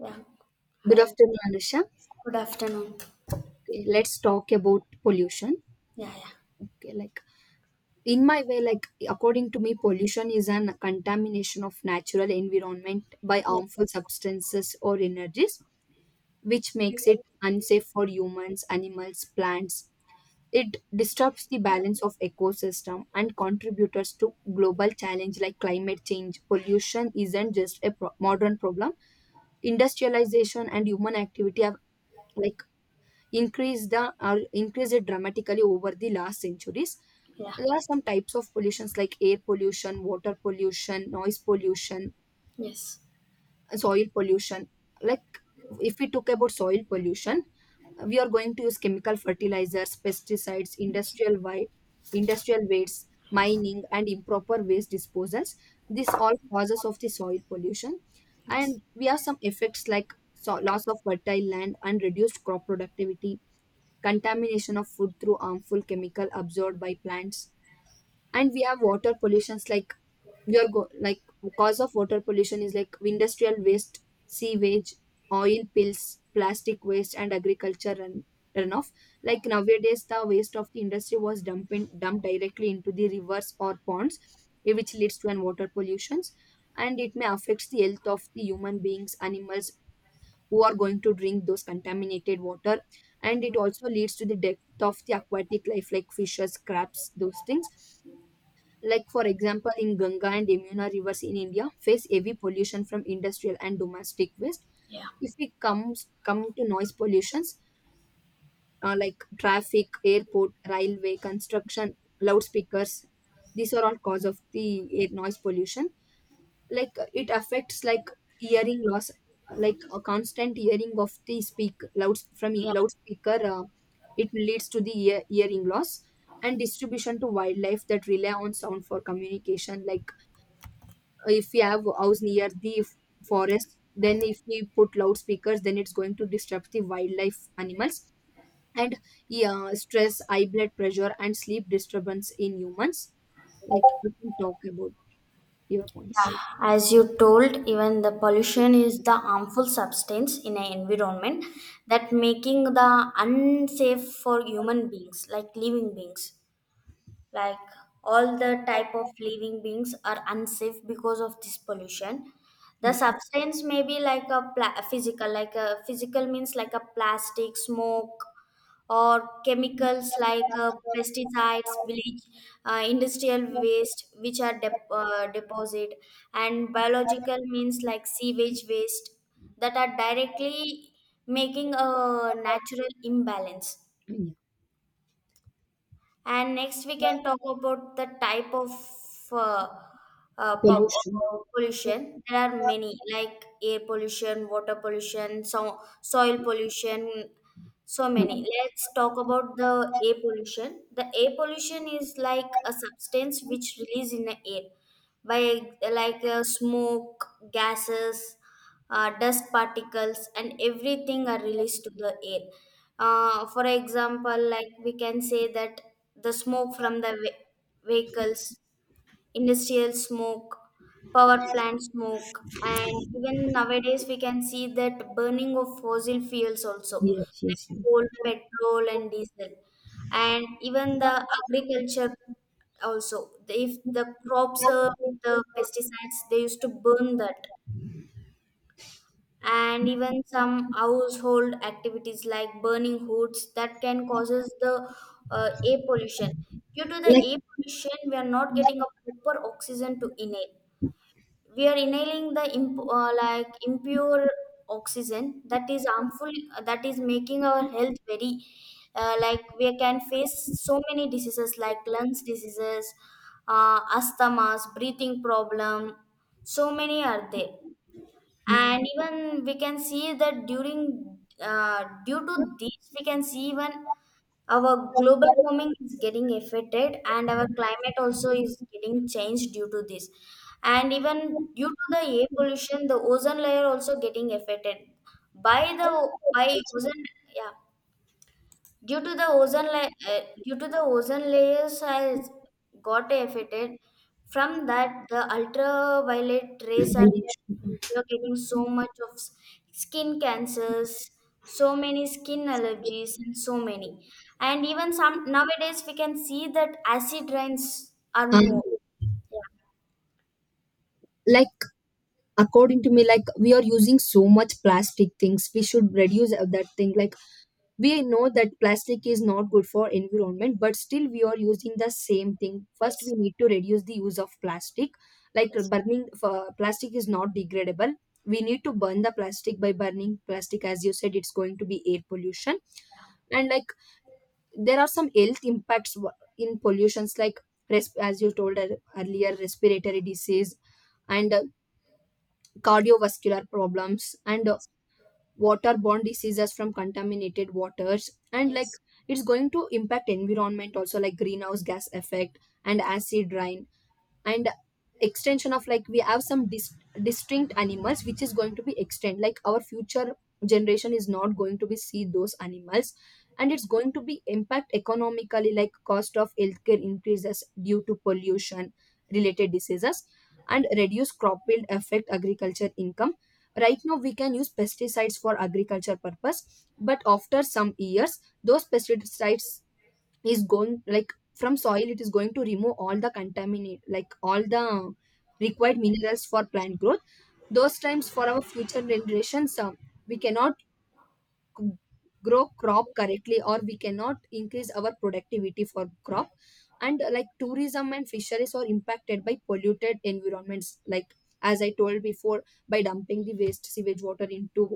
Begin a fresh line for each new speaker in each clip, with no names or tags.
Yeah.
Good
Hi.
afternoon, Anusha.
Good afternoon.
Okay, let's talk about pollution.
Yeah, yeah.
Okay, like in my way, like according to me, pollution is an contamination of natural environment by
Yes.
harmful substances or energies, which makes it unsafe for humans, animals, plants. It disturbs the balance of ecosystem and contributors to global challenge like climate change. Pollution isn't just a modern problem. Industrialization and human activity have like increased the, or increased it dramatically over the last centuries.
Yeah.
There are some types of pollutions like air pollution, water pollution, noise pollution,
Yes.
soil pollution. Like, if we talk about soil pollution, we are going to use chemical fertilizers, pesticides, industrial wastes, mining and improper waste disposals. This all causes of the soil pollution.
Yes.
And we have some effects like, so, loss of fertile land and reduced crop productivity, contamination of food through harmful chemical absorbed by plants. And we have water pollutions like, we are go- like cause of water pollution is like industrial waste, sewage, oil pills, plastic waste and runoff. Like, nowadays the waste of the industry was dumped directly into the rivers or ponds, which leads to an water pollutions, and it may affect the health of the human beings, animals who are going to drink those contaminated water. And it also leads to the death of the aquatic life like fishes, crabs, those things. Like, for example, in Ganga and Yamuna rivers in India face heavy pollution from industrial and domestic waste. If we come to noise pollutions, like traffic, airport, railway, construction, loudspeakers, these are all cause of the air noise pollution. Like, it affects like hearing loss. Like a constant hearing of the speak loud from
Yeah.
loudspeaker, it leads to the ear, hearing loss. And distribution to wildlife that rely on sound for communication. Like, if we have house near the forest, then if we put loudspeakers then it's going to disrupt the wildlife animals. And yeah, stress, high blood pressure and sleep disturbance in humans. Like, we can talk about your
Yeah.
points.
As you told, even the pollution is the harmful substance in an environment that making the unsafe for human beings, like living beings. Like, all the type of living beings are unsafe because of this pollution. The
Yeah,
substance may be like a physical, like a physical means, like a plastic smoke, or chemicals like pesticides village, industrial waste which are deposit, and biological means like sewage waste that are directly making a natural imbalance.
yeah.
And next, we can talk about the type of uh,
Pollution.
pollution. There are many, like air pollution, water pollution, soil pollution, so many.
Mm.
Let's talk about the air pollution. The air pollution is like a substance which released in the air by, like, smoke, gases, dust particles, and everything are released to the air. For example, like we can say that the smoke from the vehicles, industrial smoke, power plant smoke, and even nowadays we can see that burning of fossil fuels also,
Yes,
like
yes, yes.
coal, petrol, and diesel, and even the agriculture also. If the crops are with the pesticides, they used to burn that. And even some household activities like burning hoods that can causes the air pollution. Due to the air pollution, we are not getting a proper oxygen to inhale. We are inhaling the like impure oxygen that is harmful, that is making our health very like, we can face so many diseases like lungs diseases, asthmas, breathing problem, so many are there.
Yeah,
And even we can see that during due to this, we can see even our global warming is getting affected, and our climate also is getting changed due to this. And even due to the air pollution, the ozone layer also getting affected by ozone. Yeah. Due to the ozone layers has got affected. From that, the ultraviolet rays are,
very true.
we are getting so much of skin cancers, so many skin allergies, and so many. And even some nowadays, we can see that acid rains are
And
more. Yeah.
like, according to me, like we are using so much plastic things, we should reduce of that thing. Like, we know that plastic is not good for environment, but still we are using the same thing. First, we
Yes.
need to reduce the use of plastic. Like
Yes.
burning for plastic is not degradable. We need to burn the plastic by burning plastic, as you said, it's going to be air pollution. And like, there are some health impacts in pollutions like, as you told earlier, respiratory disease and cardiovascular problems and
Yes.
waterborne diseases from contaminated waters. And like,
Yes.
it's going to impact environment also like greenhouse gas effect and acid rain, and extension of, like we have some distinct animals which is going to be extinct, like our future generation is not going to be see those animals. And it's going to be impact economically, like cost of healthcare increases due to pollution related diseases and reduce crop yield affect agriculture income. Right now we can use pesticides for agriculture purpose, but after some years those pesticides is going, like from soil it is going to remove all the contaminate, like all the
Yes.
required minerals for plant growth. Those times for our future generations, we cannot c- grow crop correctly, or we cannot increase our productivity for crop. And like tourism and fisheries are impacted by polluted environments. Like as I told before, by dumping the waste sewage water into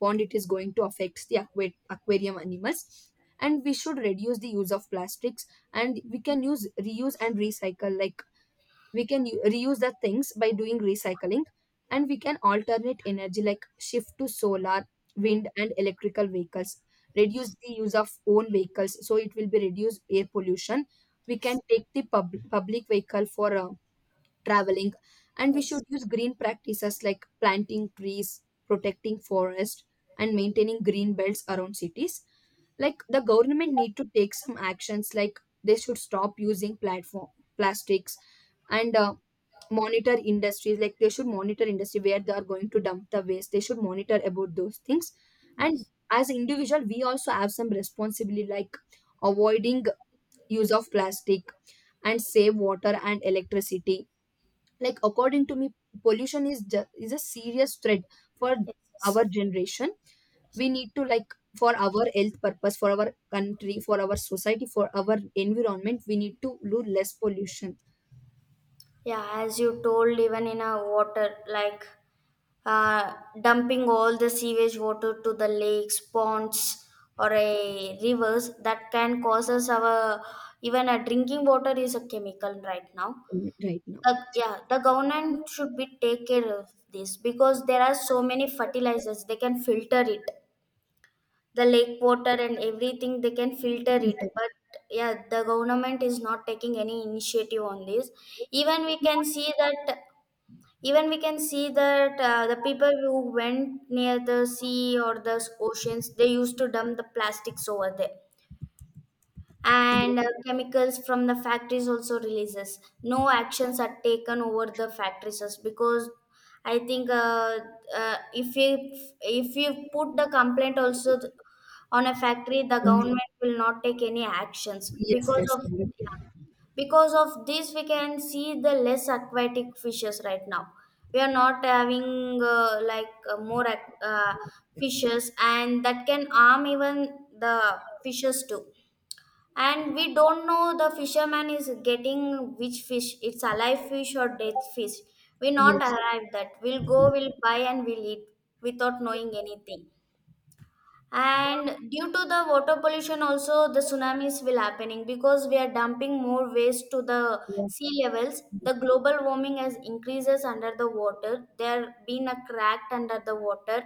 pond, it is going to affect the aquarium animals. And we should reduce the use of plastics, and we can use reuse and recycle. Like we can reuse the things by doing recycling. And we can alternate energy like shift to solar, wind and electrical vehicles, reduce
Yes.
the use of own vehicles so it will be reduced air pollution. We can
Yes.
take the public vehicle for traveling. And we should
Yes.
use green practices like planting trees, protecting forest and maintaining green belts around cities. Like, the government need to take some actions, like they should stop using platform plastics, and monitor industries, like they should monitor industry where they are going to dump the waste, they should monitor about those things. And as individual we also have some responsibility, like avoiding use of plastic and save water and electricity. Like, according to me, pollution is is a serious threat for our
Yes.
generation. We need to, like, for our health purpose, for our country, for our society, for our environment, we need to do less pollution.
Yeah, as you told, even in a water, like, uh, dumping all the sewage water to the lakes, ponds, or a rivers, that can cause us our even a drinking water is a chemical right now.
Right now.
Yeah, the government should be take care of this because there are so many fertilizers they can filter it. The lake water and everything they can filter it, but yeah, the government is not taking any initiative on this. Even we can see that Even we can see that the people who went near the sea or the oceans, they used to dump the plastics over there, and chemicals from the factories also releases, no actions are taken over the factories because I think, if you, put the complaint also on a factory, the government will not take any actions
Yes,
because
that's
of,
correct.
yeah, because of this we can see the less aquatic fishes right now. We are not having more fishes, and that can harm even the fishes too. And we don't know, the fisherman is getting which fish, it's alive fish or dead fish, we not
Yes,
arrive that, we'll go, we'll buy, and we'll eat without knowing anything. And due to the water pollution also, the tsunamis will happening because we are dumping more waste to the sea levels, the global warming has increases, under the water there been a crack under the water.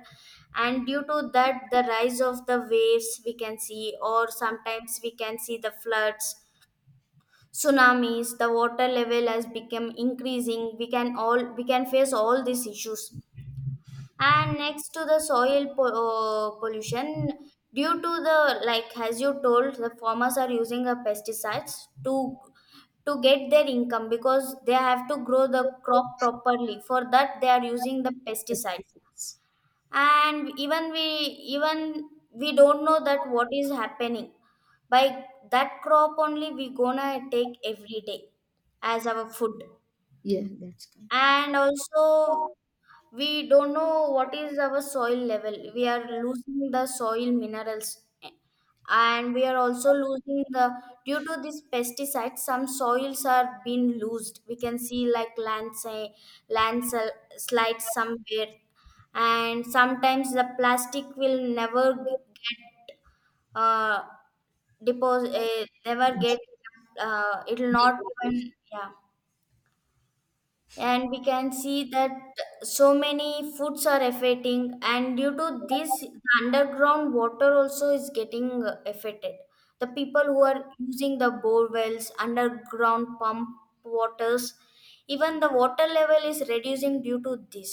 And due to that the rise of the waves we can see, or sometimes we can see the floods, tsunamis, the water level has become increasing, we can all, we can face all these issues. And next to the soil pollution, due to the, like, as you told, the farmers are using a pesticides to get their income because they have to grow the crop properly, for that they are using the
that's
pesticide.
difference.
And even we don't know that what is happening. By that crop only we gonna take every day as our food.
Yeah, that's correct.
And also, we don't know what is our soil level, we are losing the soil minerals, and we are also losing the due to this pesticides, some soils are being loosed, we can see like landslides somewhere. And sometimes the plastic will never get uh deposit, never get, it will not.
Decompose.
Even, yeah. And we can see that so many foods are affecting, and due to this the underground water also is getting affected. The people who are using the bore wells, underground pump waters, even the water level is reducing due to this.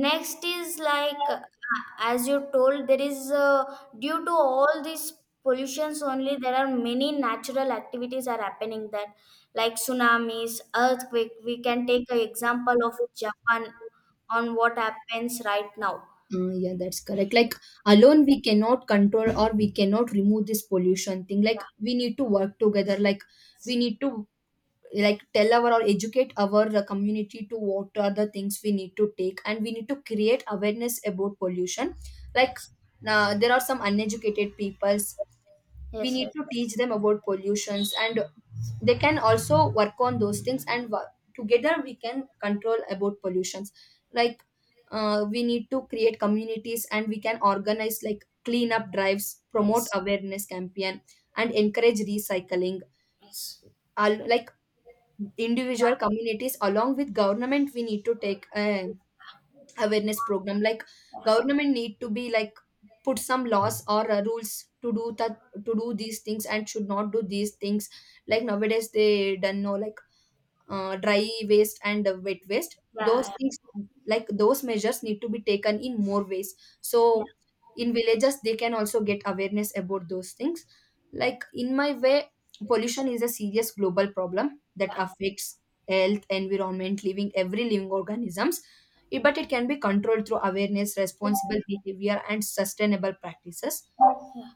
Next is like, as you told, there is, due to all these pollutions only, there are many natural activities are happening that, like tsunamis, earthquake. We can take an example of Japan on what happens right now.
Yeah, that's correct. Like, alone, we cannot control or we cannot remove this pollution thing. Like, we need to work together. Like, we need to like tell our or educate our community to what are the things we need to take, and we need to create awareness about pollution. Like,
Yes,
there are some uneducated people, we
yes,
need
yes,
to
yes,
teach them about pollutions, and they can also work on those things, and together we can control about pollutions. Like, we need to create communities and we can organize like cleanup drives, promote
yes,
awareness campaign and encourage recycling.
yes.
Like, individual communities along with government we need to take a awareness program. Like,
Yeah,
government need to be like put some laws or rules to do that, to do these things and should not do these things. Like nowadays they don't know like dry waste and wet waste those
yeah,
things. Like those measures need to be taken in more ways,
yeah,
so
yeah,
in villages they can also get awareness about those things. Like, in my way, pollution is a serious global problem that
yeah.
affects health, environment, living, every living organisms. But it can be controlled through awareness, responsible behavior and sustainable practices.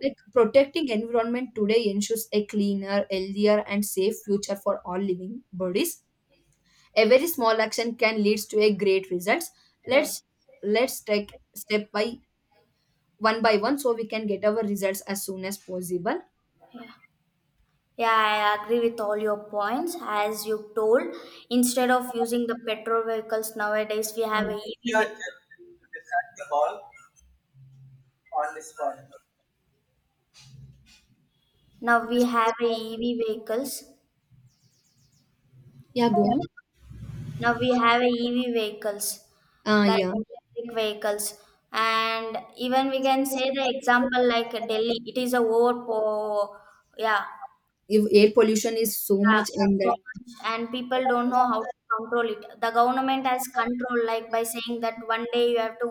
Like protecting environment today ensures a cleaner, healthier and safe future for all living bodies. A very small action can leads to a great results. Let's
Yes.
let's take step by one so we can get our results as soon as possible.
Yeah, I agree with all your points. As you told, instead of using the petrol vehicles nowadays, we have
Um,
a EV. Now we have a EV vehicles.
yeah, go on.
Now we have a EV vehicles, that
Yeah,
electric vehicles. And even we can say the example like Delhi. It is a overpo. Yeah.
if air pollution is so
Yeah,
much, and
so
that
much, and people don't know how to control it. The government has control, like by saying that one day you have to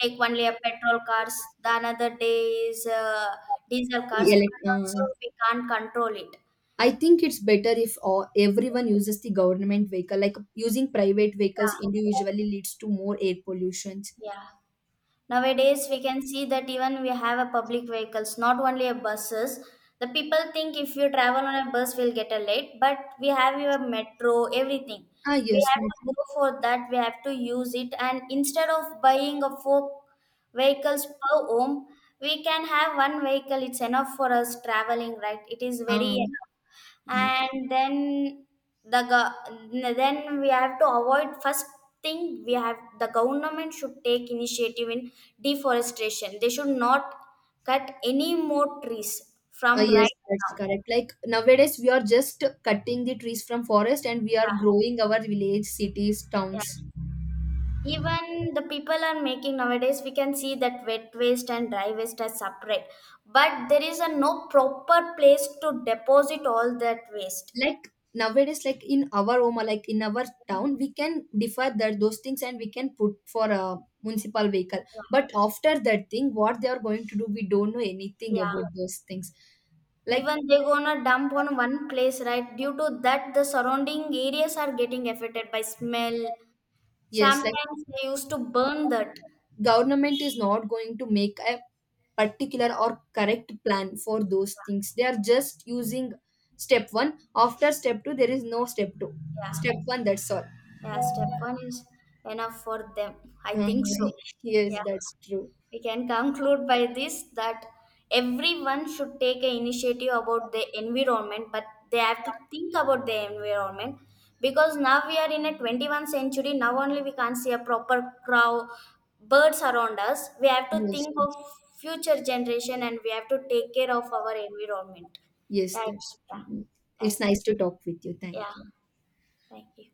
take only a petrol cars, the another day is diesel cars,
elec-
but also
uh,
we can't control it.
I think it's better if everyone uses the government vehicle. Like using private vehicles
Yeah,
individually leads to more air pollution.
yeah. Nowadays, we can see that even we have a public vehicles, not only a buses. The people think if you travel on a bus, we'll get a late, but we have your metro, everything.
Ah
We
yes,
have to go for that. We have to use it, and instead of buying a four vehicles per home, we can have one vehicle. It's enough for us traveling, right? It is very
ma'am.
enough. And then, then we have to avoid, first thing we have, the government should take initiative in deforestation, they should not cut any more trees from
Yes,
right
that's
now.
correct. Like nowadays, we are just cutting the trees from forest, and we are growing our village, cities,
Yeah.
towns.
Even the people are making, nowadays we can see that wet waste and dry waste are separate, but there is a no proper place to deposit all that waste.
Like nowadays, like in our Oma, like in our town, we can defer that those things and we can put for a municipal vehicle. But after that thing, what they are going to do, we don't know anything
Yeah.
about those things. Like,
Even they're gonna dump on one place, right? Due to that, the surrounding areas are getting affected by smell.
yes, like
Sometimes they used to burn that.
government is not going to make a particular or correct plan for those things, they are just using step one after step two, there is no step two,
Yeah,
step one, that's all.
yeah. Step one is enough for them. I
Um,
think so.
yes,
Yeah.
that's true.
We can conclude by this that everyone should take an initiative about the environment, but they have to think about the environment because now we are in a 21st century, now only we can't see a proper crow, birds around us, we have to
Yes.
think of future generation, and we have to take care of our environment.
Yes,
Yeah.
that's
Yeah.
true. It's
Thank you.
nice to talk with you. Thank
Yeah.
you.
Thank you.